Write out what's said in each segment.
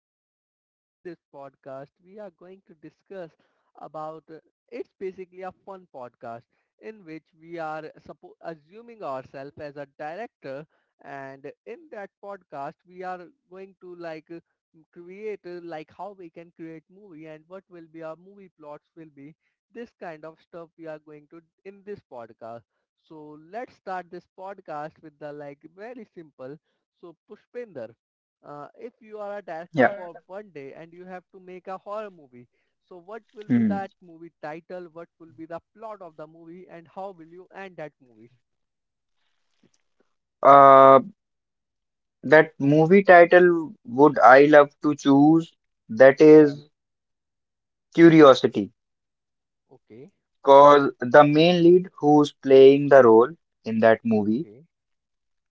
podcast, and in this podcast we are going to discuss about it's basically a fun podcast in which we are assuming ourselves as a director. And in that podcast we are going to create like how we can create movie and what will be our movie plots will be. This kind of stuff we are going to in this podcast. So, let's start this podcast with the like very simple. So Pushpinder, if you are a director Yeah. for one day and you have to make a horror movie, so what will be Hmm. that movie title? What will be the plot of the movie, and how will you end that movie? Uh, that movie title would I love to choose? That Right. is Curiosity, Okay. because the main lead who's playing the role in that movie, Okay.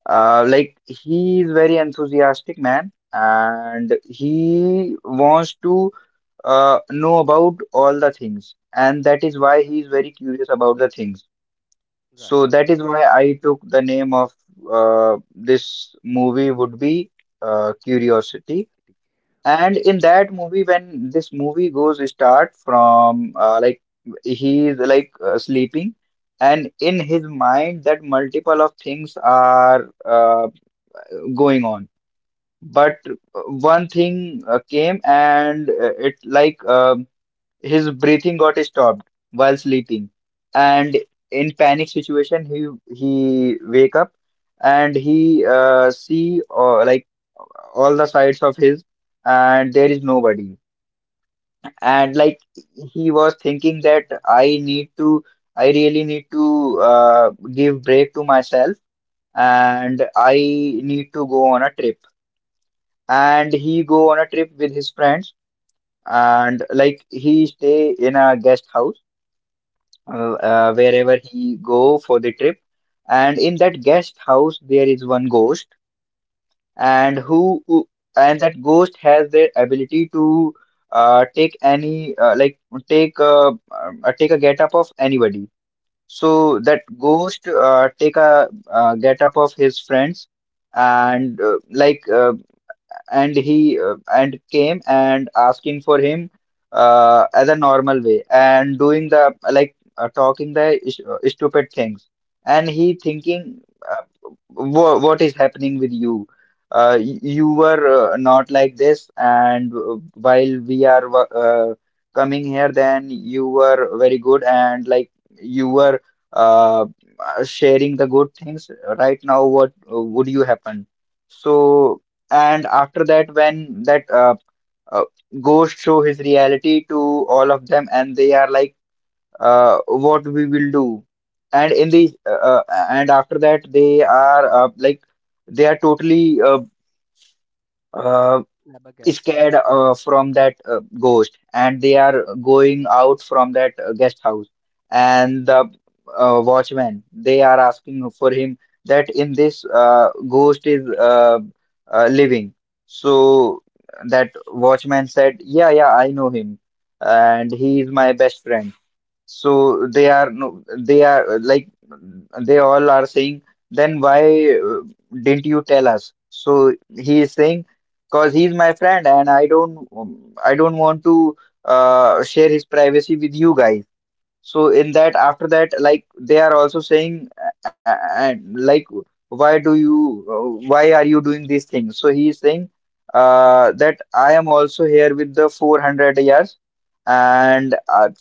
like he's very enthusiastic man, and he wants to know about all the things, and that is why he's very curious about the things. Right. So that is why I took the name of this movie would be Curiosity. Exactly. And Okay. in that movie, when this movie goes start from like he is like sleeping, and in his mind that multiple of things are going on. But one thing came and it like his breathing got stopped while sleeping, and in panic situation he wake up and he see like all the sides of his, and there is nobody. And Right. like he was thinking that I really need to give break to myself, and I need to go on a trip. And he go on a trip with his friends, and like he stay in a guest house Right. Wherever he go for the trip. And in that guest house, there is one ghost and Yeah. And that ghost has the ability to take any like take take a getup of anybody. So Okay. that ghost take a get of his friends, and uh, like uh, and came and asking for him as a normal way and doing the stupid things, and he Okay. thinking, uh, what is happening with you? You were not like this, and while we are wo- coming here then you were very good and like you were uh, sharing the good things. Right now what would you happen? So and after that, when that uh, ghost show his reality to all of them, and they are like, "What we will do?" And in the uh, uh, and after that, they are like they are totally uh, Flabbergasted. scared from that ghost, and they are going out from that guest house, and the watchman they are asking for him that in this ghost is living. So that watchman said, "Yeah, yeah, I know him, and he is my best friend." So they are no, they are like they all are saying, "Then why didn't you tell us?" So he is saying, "Cause he's my friend and I don't want to share his privacy with you guys." So in that, after that, like they are also saying, uh, uh, like, "Why do you, why are you doing these things?" So he is saying, "That I am also here with the 400 yards, and uh,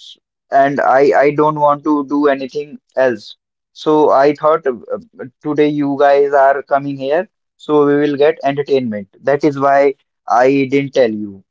and I I don't want to do anything else. So I thought today you guys are coming here, so we will get entertainment. That is why I didn't tell you."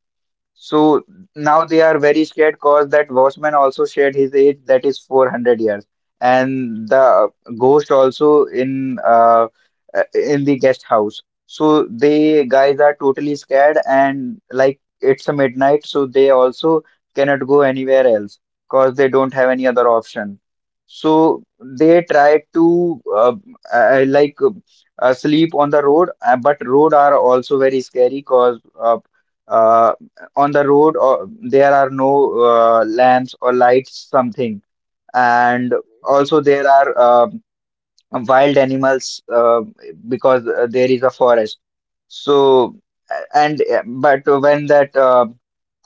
So now they are very scared because that watchman also shared his age, that is 400 years. And the ghost also in the guest house. So they guys are totally scared, and like it's a midnight, so they also cannot go anywhere else because they don't have any other option. So they try to uh, like sleep on the road, but road are also very scary because uh, on the road or there are no lamps or lights something, and Okay. also there are wild animals because there is a forest. So a- and but when that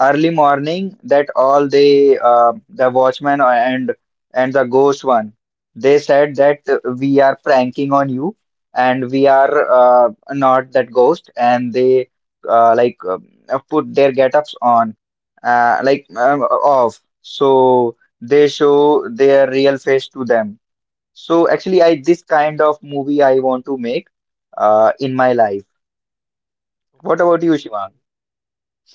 early morning, that all the watchman and the ghost one, they said that "We are pranking on you, and we are not that ghost," and they uh, like uh, put their get-ups on like off, so they show their real face to them. So actually, I this kind of movie I want to make in my life. What Okay. about you, Shivang?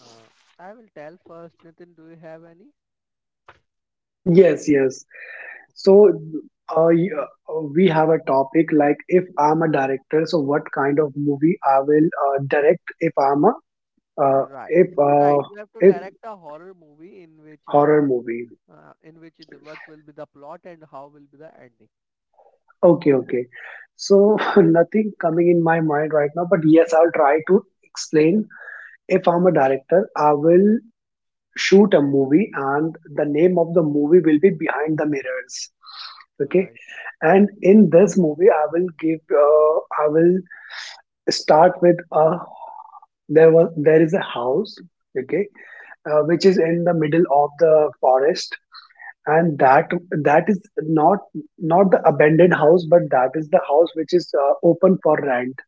Uh, I will tell first. Nathan, do you have any? Yes, yes. So, we have a topic like if I'm a director, so what kind of movie I will direct if I'm a uh, Right. if Right. uh, You have to if direct a horror movie in which you horror plot, movie. What will be the plot and how will be the ending. Okay, okay. So nothing coming in my mind right now, but yes, I'll try to explain. If I'm a director, I will shoot a movie, and the name of the movie will be Behind the Mirrors. Okay, Right. and in this movie, I will start with a there is a house, okay, which is in the middle of the forest, and that is not the abandoned house, but that is the house which is open for rent,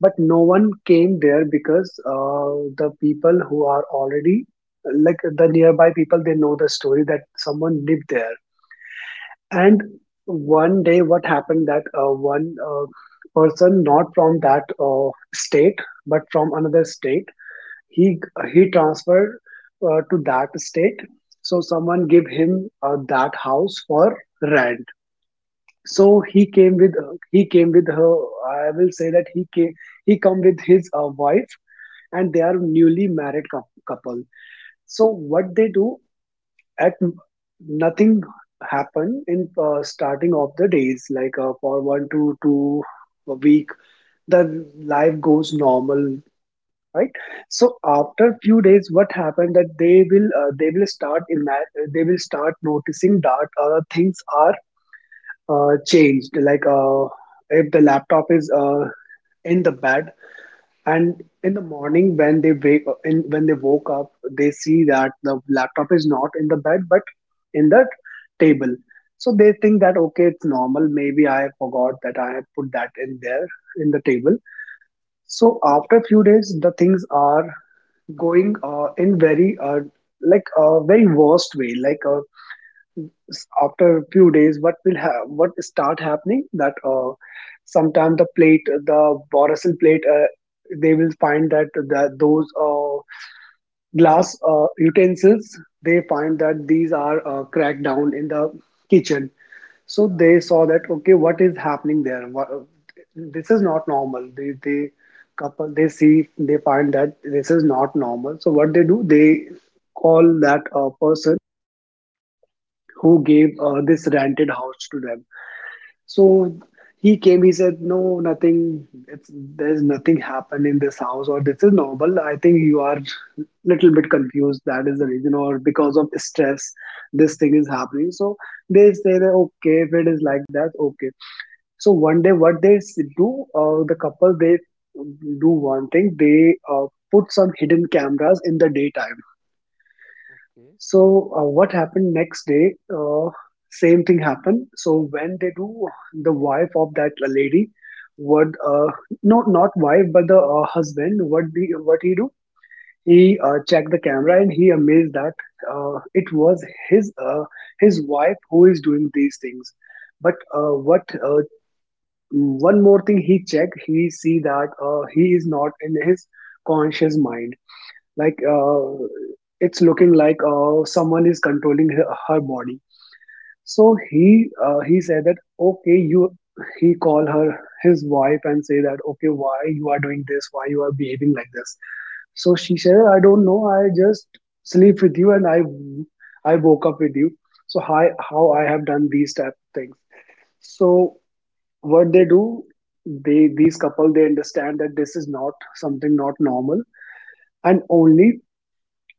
but no one came there because the people who are already, like, the nearby people, they know the story that someone lived there. And one day what happened that one person, not from that state but from another state, he he transferred to that state. So someone gave him that house for rent. So Okay. he came with he came with her. I will say that he come with his wife, and they are newly married couple. So what they do at, nothing happen in starting of the days, like, for one to two a week, the life goes normal, right? So after Okay. few days what happened that they will they will start noticing that things are changed, like, if the laptop is in the bed, and in the morning when when they woke up, they see that the laptop is not in the bed but in the table. So they think that okay, it's normal, maybe I forgot that I have put that in there, in the table. So after few days the things are going in very like a very worst way, like, after a few days what will have what start happening that sometime the plate, the borasil plate, they will find that, that those glass utensils, they find that these are cracked down in the kitchen. So Right. they saw that okay, what is happening there, what, this is not normal. They couple, they see, they find that this is not normal. So what they do, they call that person who gave this rented house to them. So he came, he said no, nothing, it's there's nothing happened in this house, or this is normal, I think you are little bit confused, that is the reason, or because of stress this thing is happening. So they say that okay, if it is like that, okay. So one day, what they s- do, the couple, they do one thing. They put some hidden cameras in the daytime. Okay. So what happened next day? Same thing happened. So when they do, the wife of that lady what? No, not wife, but the husband, what he do? He checked the camera and he amazed that it was his wife who is doing these things. But what one more thing he check, he see that he is not in his conscious mind. Like, it's looking like someone is controlling her body. So he said that okay, you, he call her, his wife, and say that okay, why you are doing this? Why you are behaving like this? So she said, I don't know. I just sleep with you and I woke up with you. So how I have done these type of things. So what they do, they these couple, they understand that this is not something, not normal, and only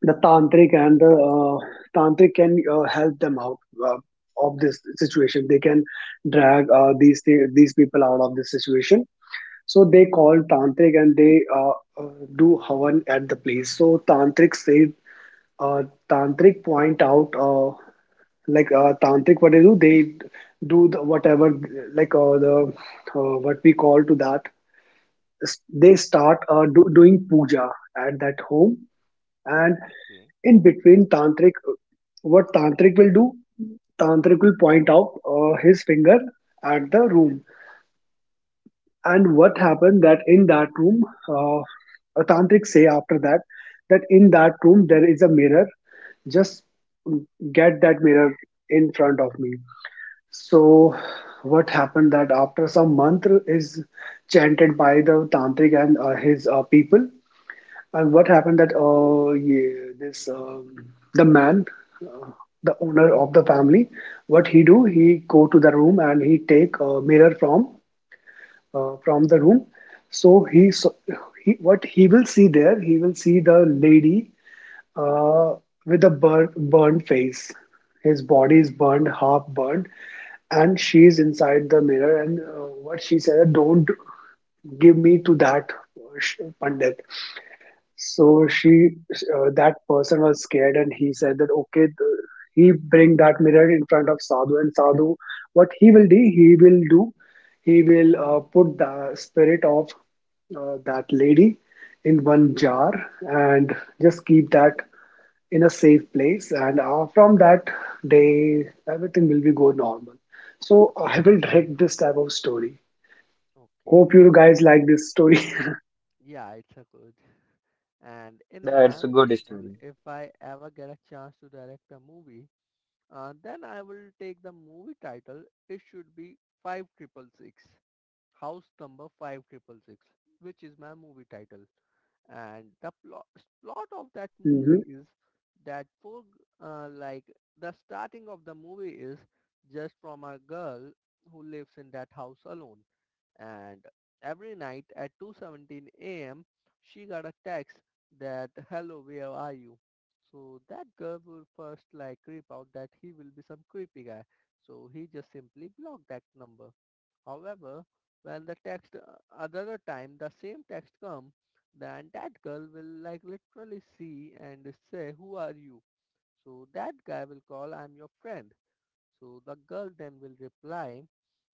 the tantric can help them out uh, of this situation, they can drag these people out of this situation. So Oh, they call tantric, and they do havan at the place. So uh, tantric point out, tantric, what they do, they do the, whatever, like the what we call to that, they start doing puja at that home. And okay. in between tantric, what tantric will do, tantric will point out his finger at the room. And what happened that in that room, uh, a tantric say after that that in that room there is a mirror, just get that mirror in front of me. So what happened that after some mantra is chanted by the tantric and his people. And what happened that yeah this the man, uh, the owner of the family, what he do? He go to the room and he take a mirror from the Okay. room. So he, what he will see there? He will see the lady uh with a burned face. His body is burned, half burned, and she is inside the mirror. And what she said, don't give me to that pandit. So she, that person was scared, and he said that he bring that mirror in front of Sadhu, and Sadhu, what he will do, he will put the spirit of that lady in one jar, and just keep that in a safe place, and from that day, everything will be go normal. So I will direct this type of story. Okay. Hope you guys like this story. Yeah, it's a good. And in my That's a good opinion, story. if I ever get a chance to direct a movie, then I will take the movie title. It should be five triple six. House number five triple six, which is my movie title. And the plot of that hmm movie is that poor g- like the starting of the movie is just from a girl who lives in that house alone, and every night at 2:17 a.m. she got a text that hello, where are you. So that girl will first like creep out that he will be some creepy guy, so he just simply blocked that number. However, when the text another time the same text come, then that girl will like literally see and say, who are you? So that guy will call, I'm your friend. So the girl then will reply,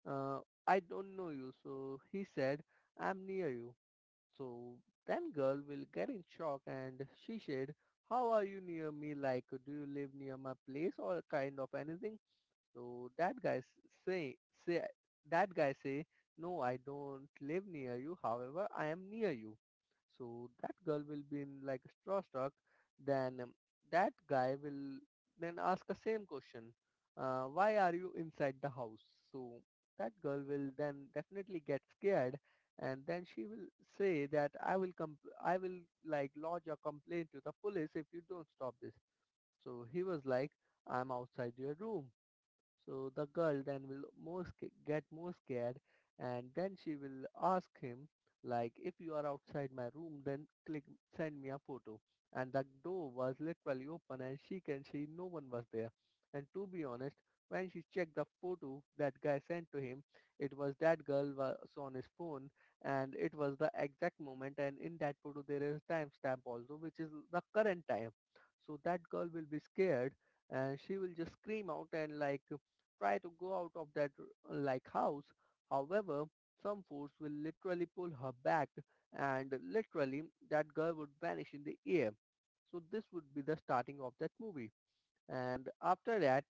uh, I don't know you. So he said, I'm near you. So then girl will get in shock and she said, how are you near me? Like, do you live near my place or kind of anything? So say that guy say no, I don't live near you, however I am near you. So that girl will be in like straw struck. Then That guy will then ask the same question, why are you inside the house? So that girl will then definitely get scared, and then she will say that I will com- I will like lodge a complaint to the police if you don't stop this. So he was like, I'm outside your room. So the girl then will get more scared, and then she will ask him, like, if you are outside my room, then click send me a photo. And the door was literally open and she can see no one was there. And to be honest, when she checked the photo that guy sent to him, it was that girl was on his phone, and it was the exact moment, and in that photo there is timestamp also, which is the current time. So that girl will be scared and she will just scream out and like try to go out of like house. However, some force will literally pull her back, and literally that girl would vanish in the air. So this would be the starting of that movie. And after that,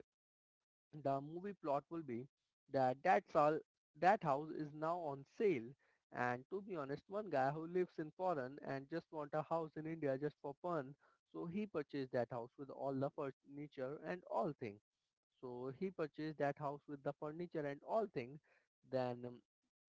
the movie plot will be that that's all, that house is now on sale. And to be honest, one guy who lives in foreign and just want a house in india just for fun, so he purchased that house with all the furniture and all thing. So he purchased that house with the furniture and all thing. then um,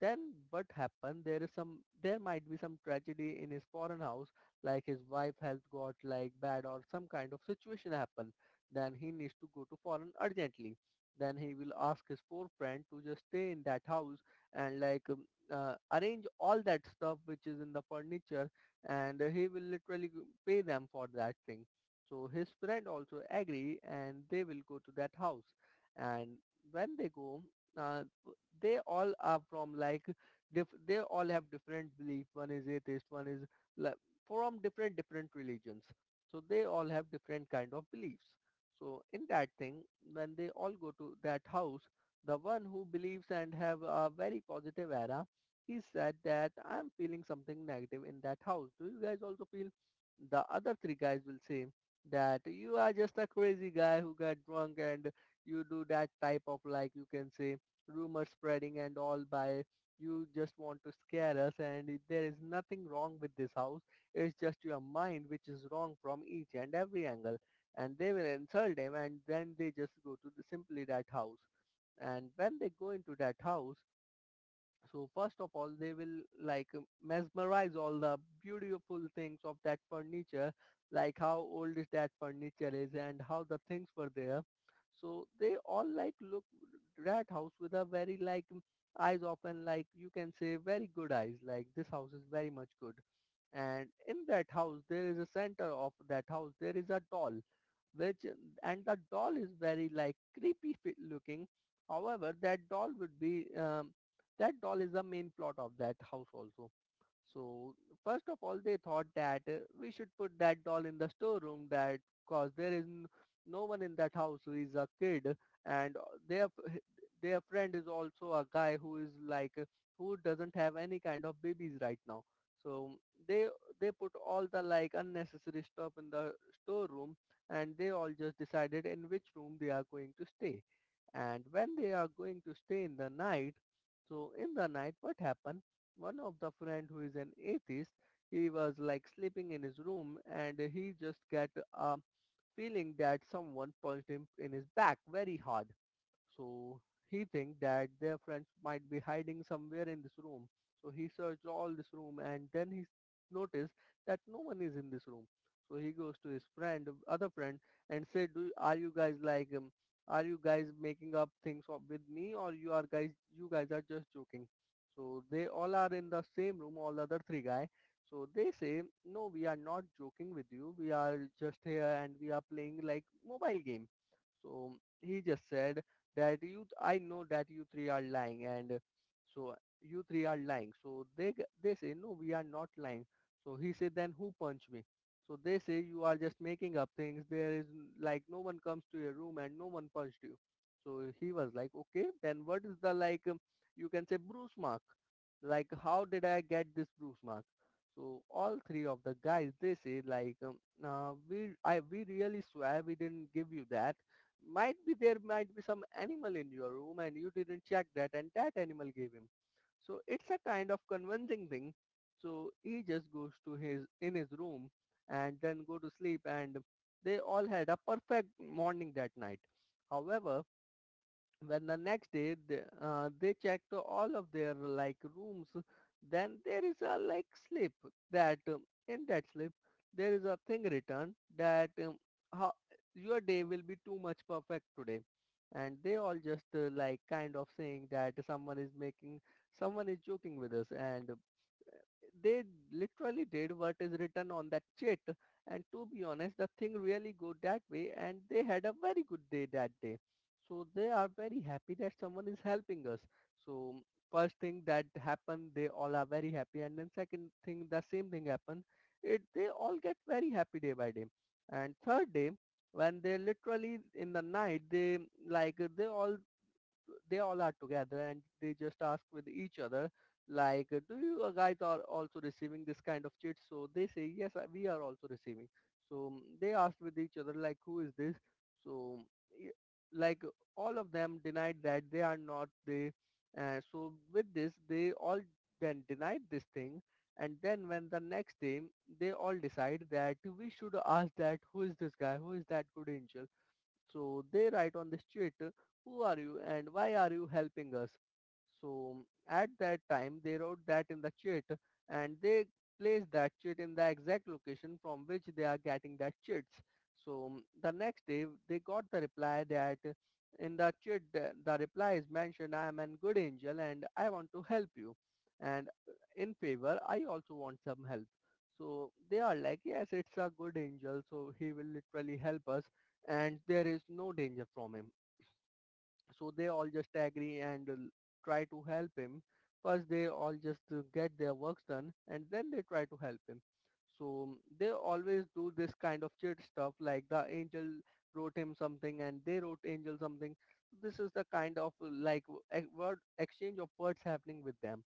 then what happened, there is some there might be some tragedy in his foreign house, like his wife has got like bad or some kind of situation happen. Then he needs to go to foreign urgently. Then he will ask his poor friend to just stay in that house, and arrange all that stuff which is in the furniture, and he will literally pay them for that thing. So his friend also agree, and they will go to that house. And when they go, uh, they all are from like they all have different belief, one is atheist, one is like, from different different religions. So they all have different kind of beliefs. So in that thing, when they all go to that house, the one who believes and have a very positive aura, he said that I'm feeling something negative in that house. Do you guys also feel? The other three guys will say that you are just a crazy guy who got drunk, and you do that type of like you can say rumor spreading and all by, you just want to scare us, and there is nothing wrong with this house. It's just your mind which is wrong from each and every angle. And they will insult him, and then they just go to the, simply that house. And when they go into that house, so first of all they will mesmerize all the beautiful things of that furniture, like how old is that furniture is and how the things were there. So they all like look that house with a very eyes open, like you can say very good eyes, like this house is very much good. And in that house there is a center of that house, there is a doll which, and the doll is very like creepy looking. However, that doll is the main plot of that house also. So first of all, they thought that we should put that doll in the storeroom, that cause no one in that house who is a kid, and their f- h- their friend is also a guy who is who doesn't have any kind of babies right now. So they they put all the like unnecessary stuff in the storeroom, and they all just decided in which room they are going to stay. And when they are going to stay in the night, so in the night, what happened? One of the friend who is an atheist, he was like sleeping in his room, and he just got a feeling that someone punched him in his back very hard. So he think that their friends might be hiding somewhere in this room. So he searched all this room, and then he noticed that no one is in this room. So he goes to his friend, other friend, and said, "Do are you guys are you guys making up things with me, or you are guys, you guys are just joking?" So they all are in the same room, all other three guy. So they say, "No, we are not joking with you. We are just here and we are playing like mobile game." So he just said that you, I know that you 3 are lying, and you 3 are lying. So they say no, we are not lying. So he said, then who punched me? So they say you are just making up things. Like no one comes to your room and no one punched you. So he was like okay, then what is the you can say bruise mark? Like how did I get this bruise mark? So all 3 of the guys they say we really swear we didn't give you that, might be there might be some animal in your room and you didn't check that, and that animal gave him. So it's a kind of convincing thing. So he just goes to his in his room and then go to sleep, and they all had a perfect morning that night. However, when the next day they checked all of their like rooms, then there is a like slip that in that slip there is a thing written that how your day will be too much perfect today. And they all just like kind of saying that someone is making someone is joking with us, and they literally did what is written on that sheet. And to be honest, the thing really go that way, and they had a very good day that day. So they are very happy that someone is helping us. So first thing that happened, they all are very happy, and then second thing, the same thing happened. It they all get very happy day by day, and third day when they literally in the night they, like they all, they all are together and they just ask with each other, like do you guys are also receiving this kind of chit. So they say yes, we are also receiving. So they asked with each other, like who is this. So like uh, all of them denied that they are not they. So with this, they all then denied this thing. And then when the next day, they all decide that we should ask that who is this guy, who is that good angel. So they write on the street, who are you and why are you helping us? So at that time they wrote that in the chit, and they placed that chit in the exact location from which they are getting that chits. So the next day they got the reply that, in the chit, the reply is mentioned, I am a good angel and I want to help you, and in favor I also want some help. So they are like, yes, it's a good angel, so he will literally help us, and there is no danger from him. So they all just agree and try to help him. First, they all just get their works done and then they try to help him. So they always do this kind of cheat stuff, like the angel wrote him something and they wrote angel something. This is the kind of like word, exchange of words happening with them.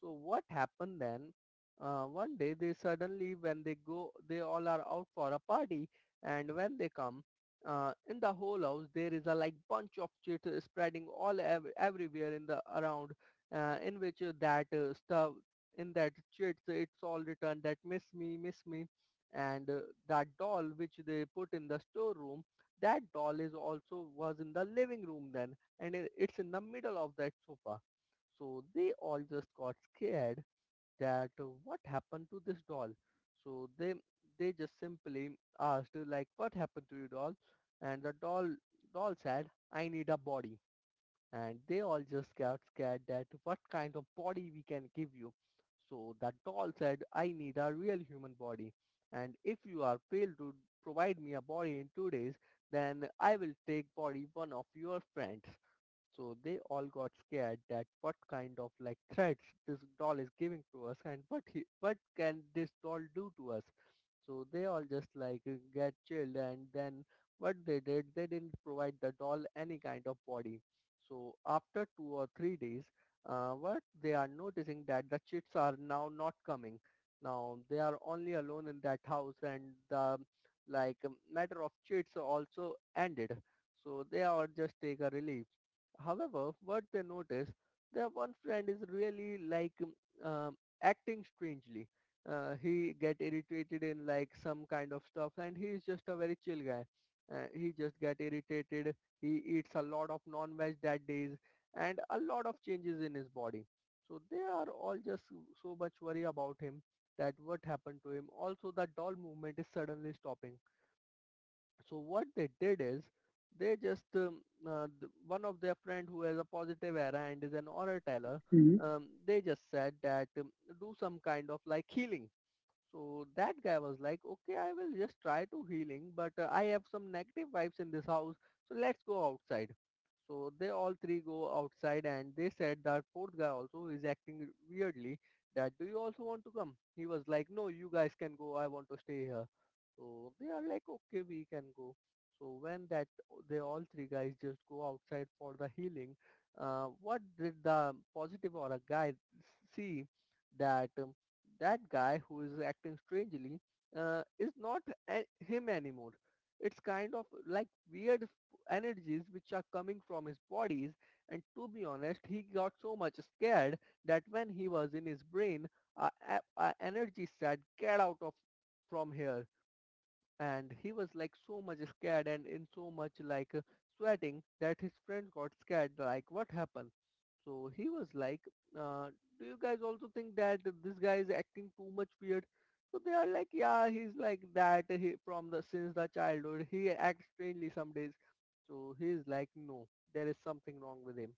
So what happened then? One day they suddenly, when they go, they all are out for a party, and when they come, in the whole house there is a like bunch of shit spreading all everywhere in the around, in which that stuff, in that shit, it's all written that, miss me, miss me. And that doll which they put in the storeroom, that doll is also was in the living room then, and it's in the middle of that sofa. So they all just got scared that what happened to this doll. So they just simply asked like, what happened to your doll? And the doll said, I need a body. And they all just got scared that, what kind of body we can give you. So that doll said, I need a real human body, and if you are failed to provide me a body in 2 days, then I will take body one of your friends. So they all got scared that, what kind of like threats this doll is giving to us, and what he, what can this doll do to us. So they all just like get chilled, and then what they did, they didn't provide the doll any kind of body. So after 2 or 3 days, what they are noticing that the chits are now not coming. Now they are only alone in that house and the like matter of chits also ended. So they all just take a relief. However, what they notice, their one friend is really like um, um, acting strangely. He get irritated in like some kind of stuff, and he is just a very chill guy. He just get irritated. He eats a lot of non-veg that days, and a lot of changes in his body. So they are all just so, so much worry about him, that what happened to him. Also, the doll movement is suddenly stopping, so what they did is they just one of their friend who has a positive aura and is an aura teller. hmm They just said that, do some kind of like healing. So that guy was like, okay, I will just try to healing, but I have some negative vibes in this house, so let's go outside. So they all three go outside, and they said that fourth guy also is acting weirdly, that do you also want to come? He was like, no, you guys can go, I want to stay here. So they are like, okay, we can go. So when that, they all three guys just go outside for the healing, what did the positive or a guy see, that that guy who is acting strangely is not him anymore. It's kind of like weird energies which are coming from his bodies, and to be honest he got so much scared, that when he was in his brain, a energy said, get out of from here. And he was like so much scared and in so much like sweating, that his friend got scared, like what happened. So he was like, uh, do you guys also think that this guy is acting too much weird? So they are like, yeah, he's like that he, from the since the childhood he acts strangely some days. So he's like, no, there is something wrong with him.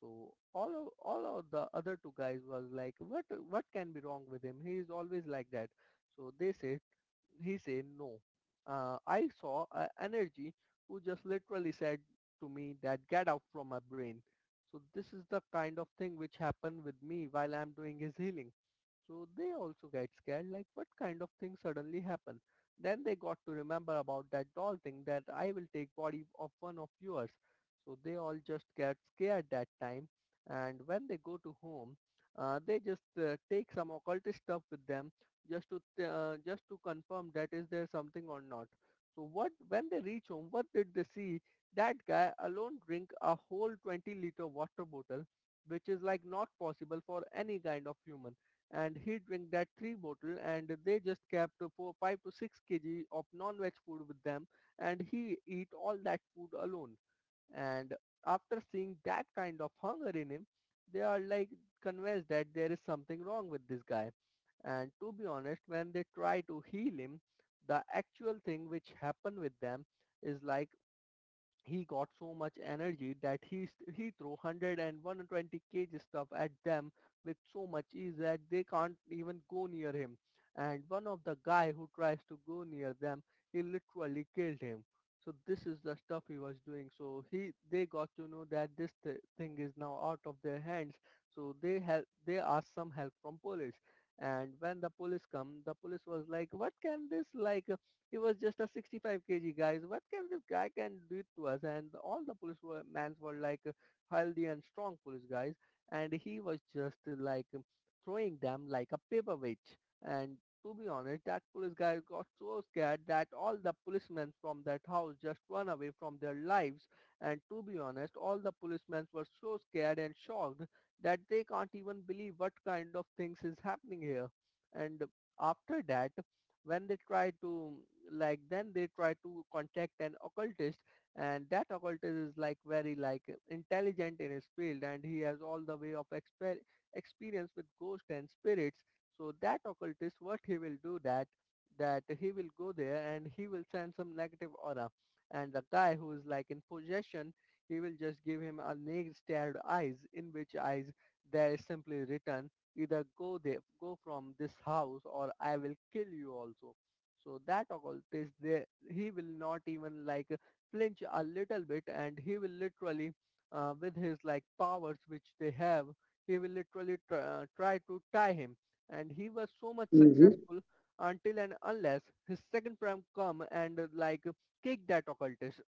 So all of the other two guys was like, what can be wrong with him, he is always like that. So they said, he said no, I saw an energy who just literally said to me that, get out from my brain. So this is the kind of thing which happened with me while I'm doing his healing. So they also get scared, like what kind of thing suddenly happened. Then they got to remember about that doll thing that, I will take body of one of yours. So they all just get scared that time. And when they go to home, they just take some occultist stuff with them, just to just to confirm that is there something or not. So what when they reach home, what did they see? That guy alone drink a whole 20-liter water bottle, which is like not possible for any kind of human, and he drank that three bottle, and they just kept for 5 to 6 kg of non-veg food with them, and he eat all that food alone. And after seeing that kind of hunger in him, they are like convinced that there is something wrong with this guy. And to be honest, when they try to heal him, the actual thing which happened with them is like, he got so much energy that he threw 100 kg stuff at them with so much ease, that they can't even go near him. And one of the guy who tries to go near them, he literally killed him. So this is the stuff he was doing, so he, they got to know that this thing is now out of their hands. So they help, they asked some help from police. And when the police come, the police was like, what can this like he was just a 65 kg guys, what can this guy can do it to us? And all the police were, mans were like healthy and strong police guys, and he was just like throwing them like a paperweight. And to be honest, that police guy got so scared that all the policemen from that house just run away from their lives. And to be honest, all the policemen were so scared and shocked that they can't even believe what kind of things is happening here. And after that, when they try to, like then they try to contact an occultist, and that occultist is like very like intelligent in his field, and he has all the way of experience with ghosts and spirits. So that occultist what he will do that, that he will go there and he will send some negative aura, and the guy who is like in possession, he will just give him a naked stared eyes, in which eyes there is simply written, either go there, go from this house, or I will kill you also. So that occultist there, he will not even like flinch a little bit, and he will literally with his like powers which they have, he will literally try to tie him. And he was so much hmm successful, until and unless his second prime come and like kick that occultist.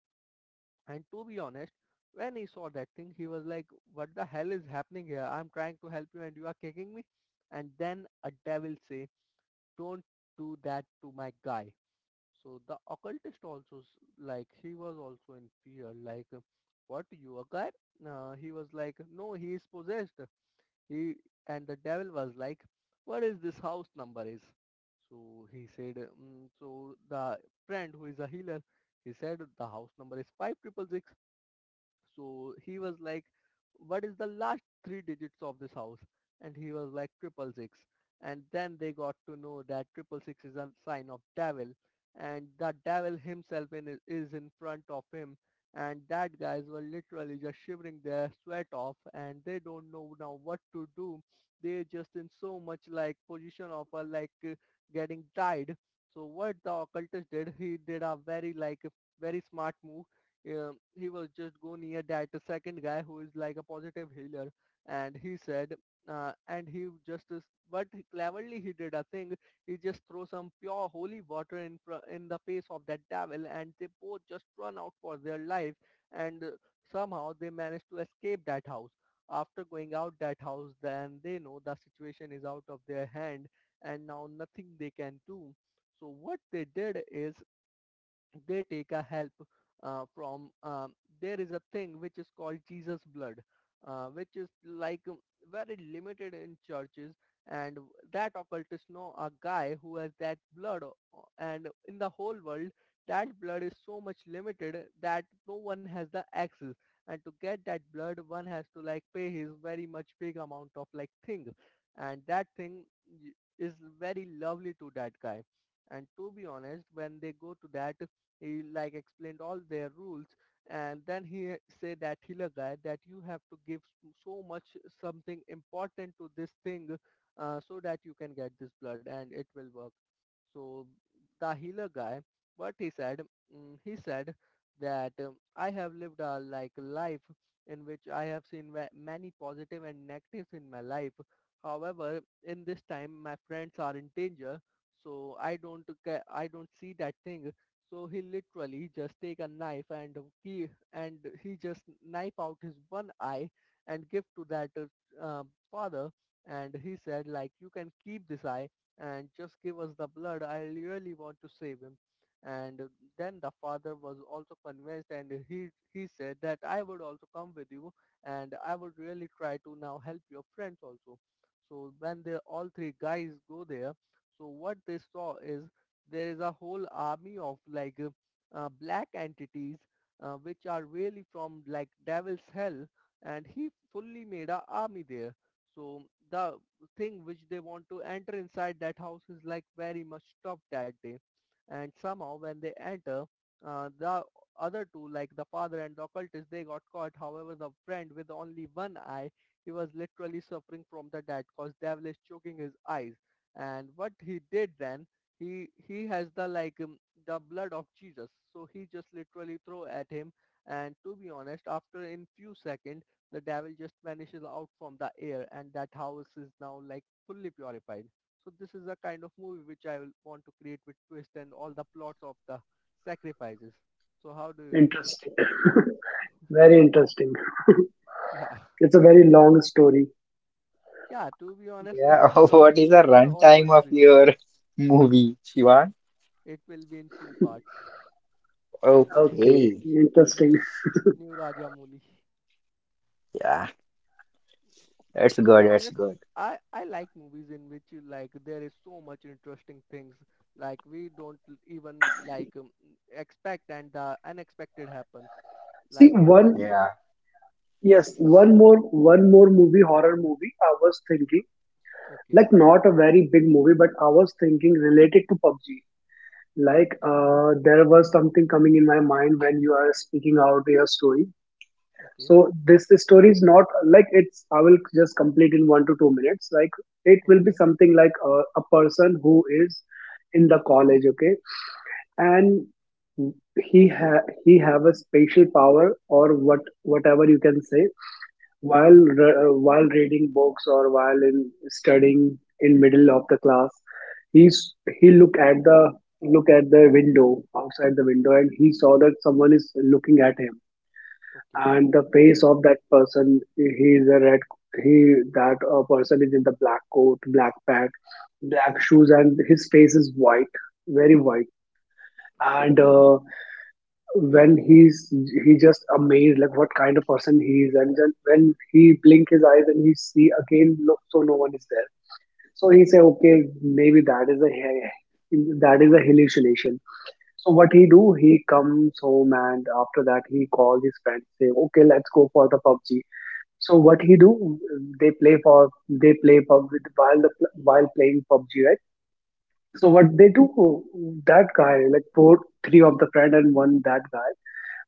And to be honest, when he saw that thing, he was like, what the hell is happening here? I'm trying to help you and you are kicking me. And then a devil say, don't do that to my guy. So the occultist also, like, he was also in fear, like, what, you a guy? He was like, no, he is possessed. He, and the devil was like, what is this house number is? So he said, so the friend who is a healer, he said the house number is 5666. So he was like, what is the last three digits of this house? And he was like, triple six. And then they got to know that triple six is a sign of devil. And the devil himself is in front of him. And that guys were literally just shivering their sweat off and they don't know now what to do. They're just in so much like position of like getting died. So what the occultist did, he did a very like very smart move. He was just go near that second guy who is like a positive healer and he said and he just is, but cleverly he did a thing. He just throw some pure holy water in in the face of that devil and they both just run out for their life. And Somehow they managed to escape that house. After going out that house then they know the situation is out of their hand and now nothing they can do. So what they did is they take a help from there is a thing which is called Jesus blood, which is like very limited in churches. And that occultist know a guy who has that blood, and in the whole world that blood is so much limited that no one has the access. And to get that blood one has to like pay his very much big amount of like thing, and that thing is very lovely to that guy. And to be honest when they go to that, he like explained all their rules. And then he said that healer guy that you have to give so much something important to this thing, so that you can get this blood and it will work. So the healer guy, what he said, mm, he said that I have lived a like life in which I have seen many positive and negatives in my life. However, in this time, my friends are in danger, so I don't I don't see that thing. So he literally just take a knife he and he just knife out his one eye and give to that father. And he said like, you can keep this eye and just give us the blood. I really want to save him. And then the father was also convinced and he said that I would also come with you and I would really try to now help your friends also. So when they all three guys go there, so what they saw is there is a whole army of like black entities, which are really from like devil's hell, and he fully made a army there. So the thing which they want to enter inside that house is like very much tough that day. And somehow when they enter, the other two like the father and the occultist they got caught, however the friend with only one eye, he was literally suffering from the death cause devil is choking his eyes. And what he did then, he has the like the blood of Jesus, so he just literally throw at him. And to be honest after in few seconds the devil just vanishes out from the air, and that house is now like fully purified. So this is a kind of movie which I will want to create with twist and all the plots of the sacrifices. So how do you? Interesting. Very interesting. Yeah. It's a very long story. Yeah, to be honest, Yeah. long What is the stories are always runtime of good. your movie, Shivang? It will be in two parts. Okay, Okay. new, interesting. new Rajamouli. Yeah. That's To be good. That's honest, good. I like movies in which you like there is so much interesting things, like we don't even like expect and the unexpected happen. See, Like if I one, Yeah. yes, one more movie, horror movie. I was thinking, like, okay. not a very big movie, but I was thinking related to PUBG. Like, Okay. There was something coming in my mind when you are speaking out your story. Okay. So this story is not like it's. I will just complete in 1 to 2 minutes. Like, it will be Okay. something like a person who is in the college. Okay, Okay. and he have a spatial power or what whatever you can say, while while reading books, or while in studying in middle of the class, he's, he look at the window, outside the window, and he saw that someone is looking at him. Okay. And the face of that person, he is a red he that person is in the black coat, black pant, black shoes, and his face is white, very white. And Okay. When he's he just amazed like what kind of person he is, and then when he blink his eyes and he see again, look, so no one is there. So he say okay, maybe that is a that is a hallucination. So what he do, he comes home, and after that he call his friends, say okay, let's go for the pubg. So what he do, they play pub with, while playing pubg, right? So what Right. they do, that guy, like four three of the friend and one, that guy,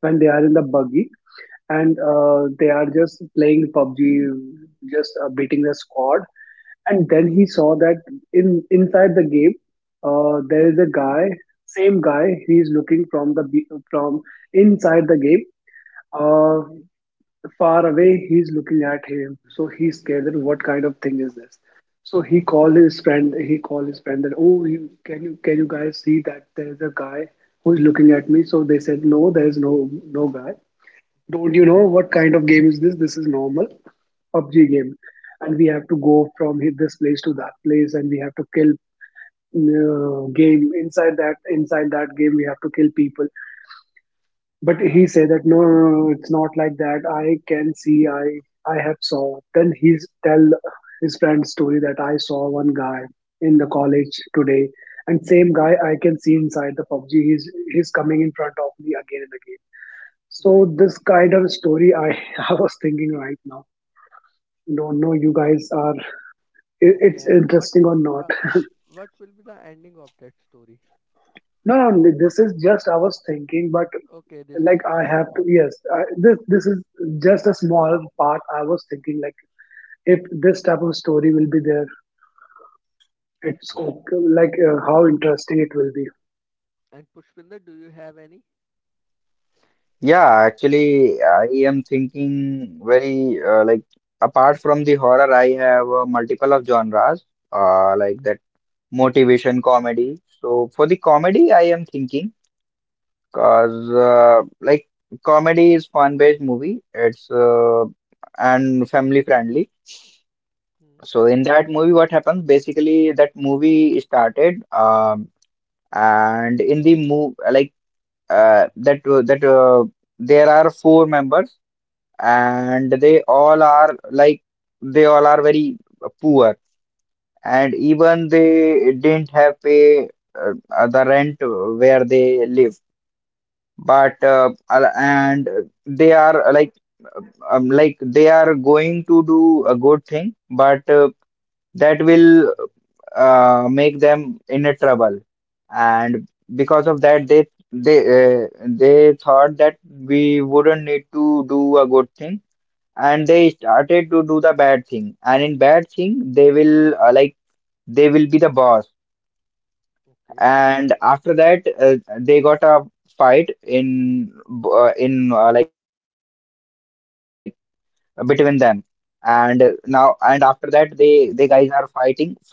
when they are in the buggy, and they are just playing PUBG, just beating the squad. And then he saw that in, inside the game, there is a guy, same guy. He is looking from from inside the game. Uh, Okay, far away, he's looking at him. So he's scared that what kind of thing is this? So he called his friend. That oh, you, can you guys see that there is a guy who is looking at me? So they said no, there is no guy. Don't right. you know what kind of game is this? This is normal PUBG game, and we have to go from hit this place to that place, and we have to kill, game inside that game we have to kill people. But he Right. said that no, no, no, no, it's not like that. I can see, I have saw. Then he's tell his friend's story that I saw one guy in the college today, and same guy I can see inside the PUBG. He's coming in front of me again and again. So Right. this kind of story, I I was thinking right now. Don't know you guys are, Okay, it's and what interesting or will be not. the what will be the ending of that story? No, no, this is just I was thinking, but Okay, this like was I just a have to, plot. yes, this is just a small part. I was thinking like, if this type of story will be there, it's Okay, okay, like, how interesting it will be. and Pushpinder, do you have any? Yeah. Actually, I am thinking very like apart from the horror, I have multiple of genres like that motivation comedy. So for the comedy, I am thinking. Cause like comedy is fun-based movie. It's and family friendly. Hmm. So in that movie, what happens? Basically, that movie started, and in the move like that that there are four members, and they all are like they all are very poor, and even they didn't have pay the rent where they live, but and they are like they are going to do a good thing, but that will make them in a trouble. And because of that they thought that we wouldn't need to do a good thing, and they started to do the bad thing, and in bad thing they will like they will be the boss. Okay, And after that they got a fight in like between them, and now and after that they guys are fighting for the like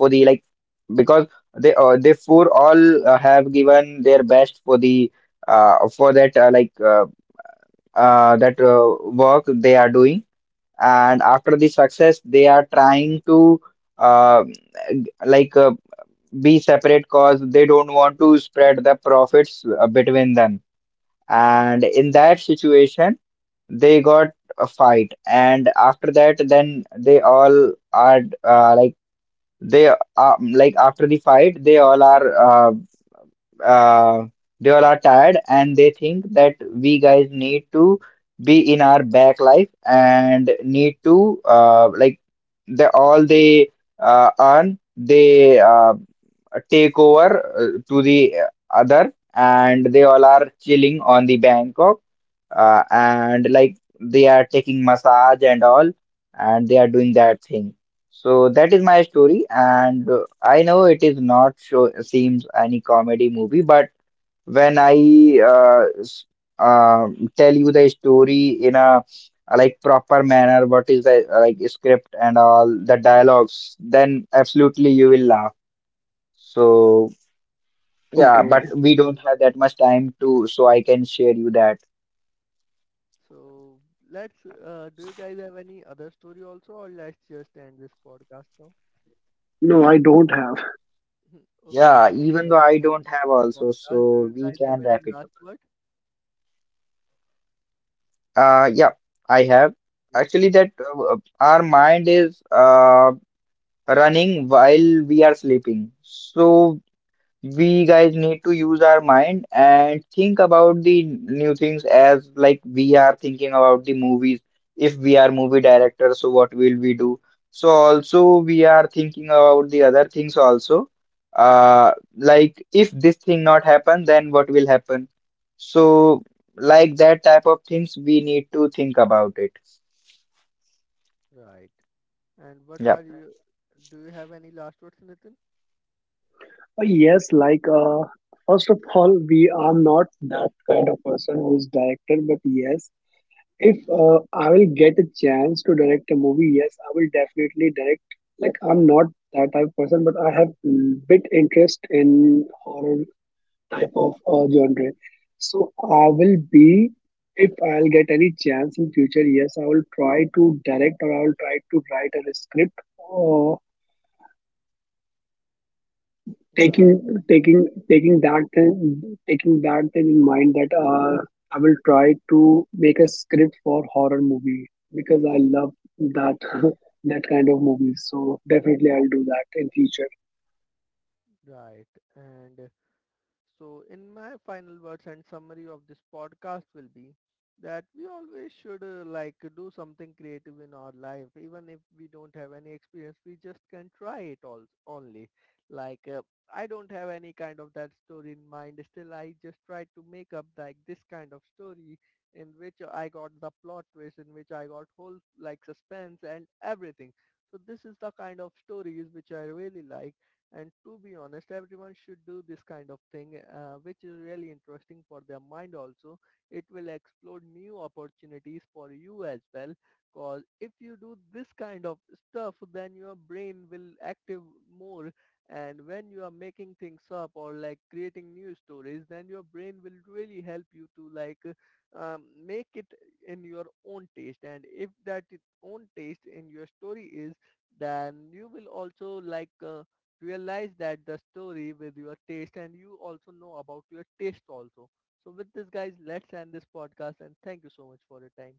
because they four all have given their best for the for that like that work they are doing. And after the success they are trying to uh, like uh, be separate cause they don't want to spread the profits between them. And in that situation they got a fight, and after that then they all are like they like after the fight uh, they all are tired, and they think that we guys need to be in our back life, and need to like the all they earn they take over to the other, and they all are chilling on the Bangkok, and like they are taking massage and all, and they are doing that thing. So that is my story, and I know it is not show seems any comedy movie, but when I tell you the story in a like proper manner what is the like script and all the dialogues, then absolutely you will laugh. So right. yeah, but Okay, we don't have that much time to, so I can share you that. So let's, do you guys have any other story also or let's just end this podcast now? no, I don't have. Okay, Yeah, so even though let's I just don't end have this also, podcast. Do so you we guys have can any wrap it last up. word? Yeah, I have. Yeah, Actually, that our mind is running while we are sleeping. So we guys need to use our mind and think about the new things as like we are thinking about the movies. If we are movie directors, so what will we do? So also we are thinking about the other things also. Like if this thing not happen, then what will happen? So like that type of things we need to think about it. right. And what Yeah. are you, do you have any last words, Nitin? Yes, like, first of all, we are not that kind of person who is director, but yes. If Okay, I will get a chance to direct a movie, yes, I will definitely direct. Like I'm not that type of person, but I have bit interest in horror type of genre. So I will be, if I'll get any chance in future, yes, I will try to direct, or I will try to write a script, uh, taking right, taking that thing, in mind that I will try to make a script for horror movie, because I love that that kind of movies. So definitely I'll do that in future. right. And so, in my final words and summary of this podcast will be that we always should like do something creative in our life, even if we don't have any experience. We just can try it all only. Like I don't have any kind of that story in mind. Still, I just tried to make up like this kind of story in which I got the plot twist, in which I got whole like suspense and everything. So this is the kind of stories which I really like, and to be honest, everyone should do this kind of thing, which is really interesting for their mind also. It will explore new opportunities for you as well. Cause if you do this kind of stuff, then your brain will active more. And when you are making things up or like creating new stories, then your brain will really help you to like make it in your own taste. And if that own taste in your story is, then you will also like. Realize that the story with your taste and you also know about your taste also. So with this guys, let's end this podcast and thank you so much for your time.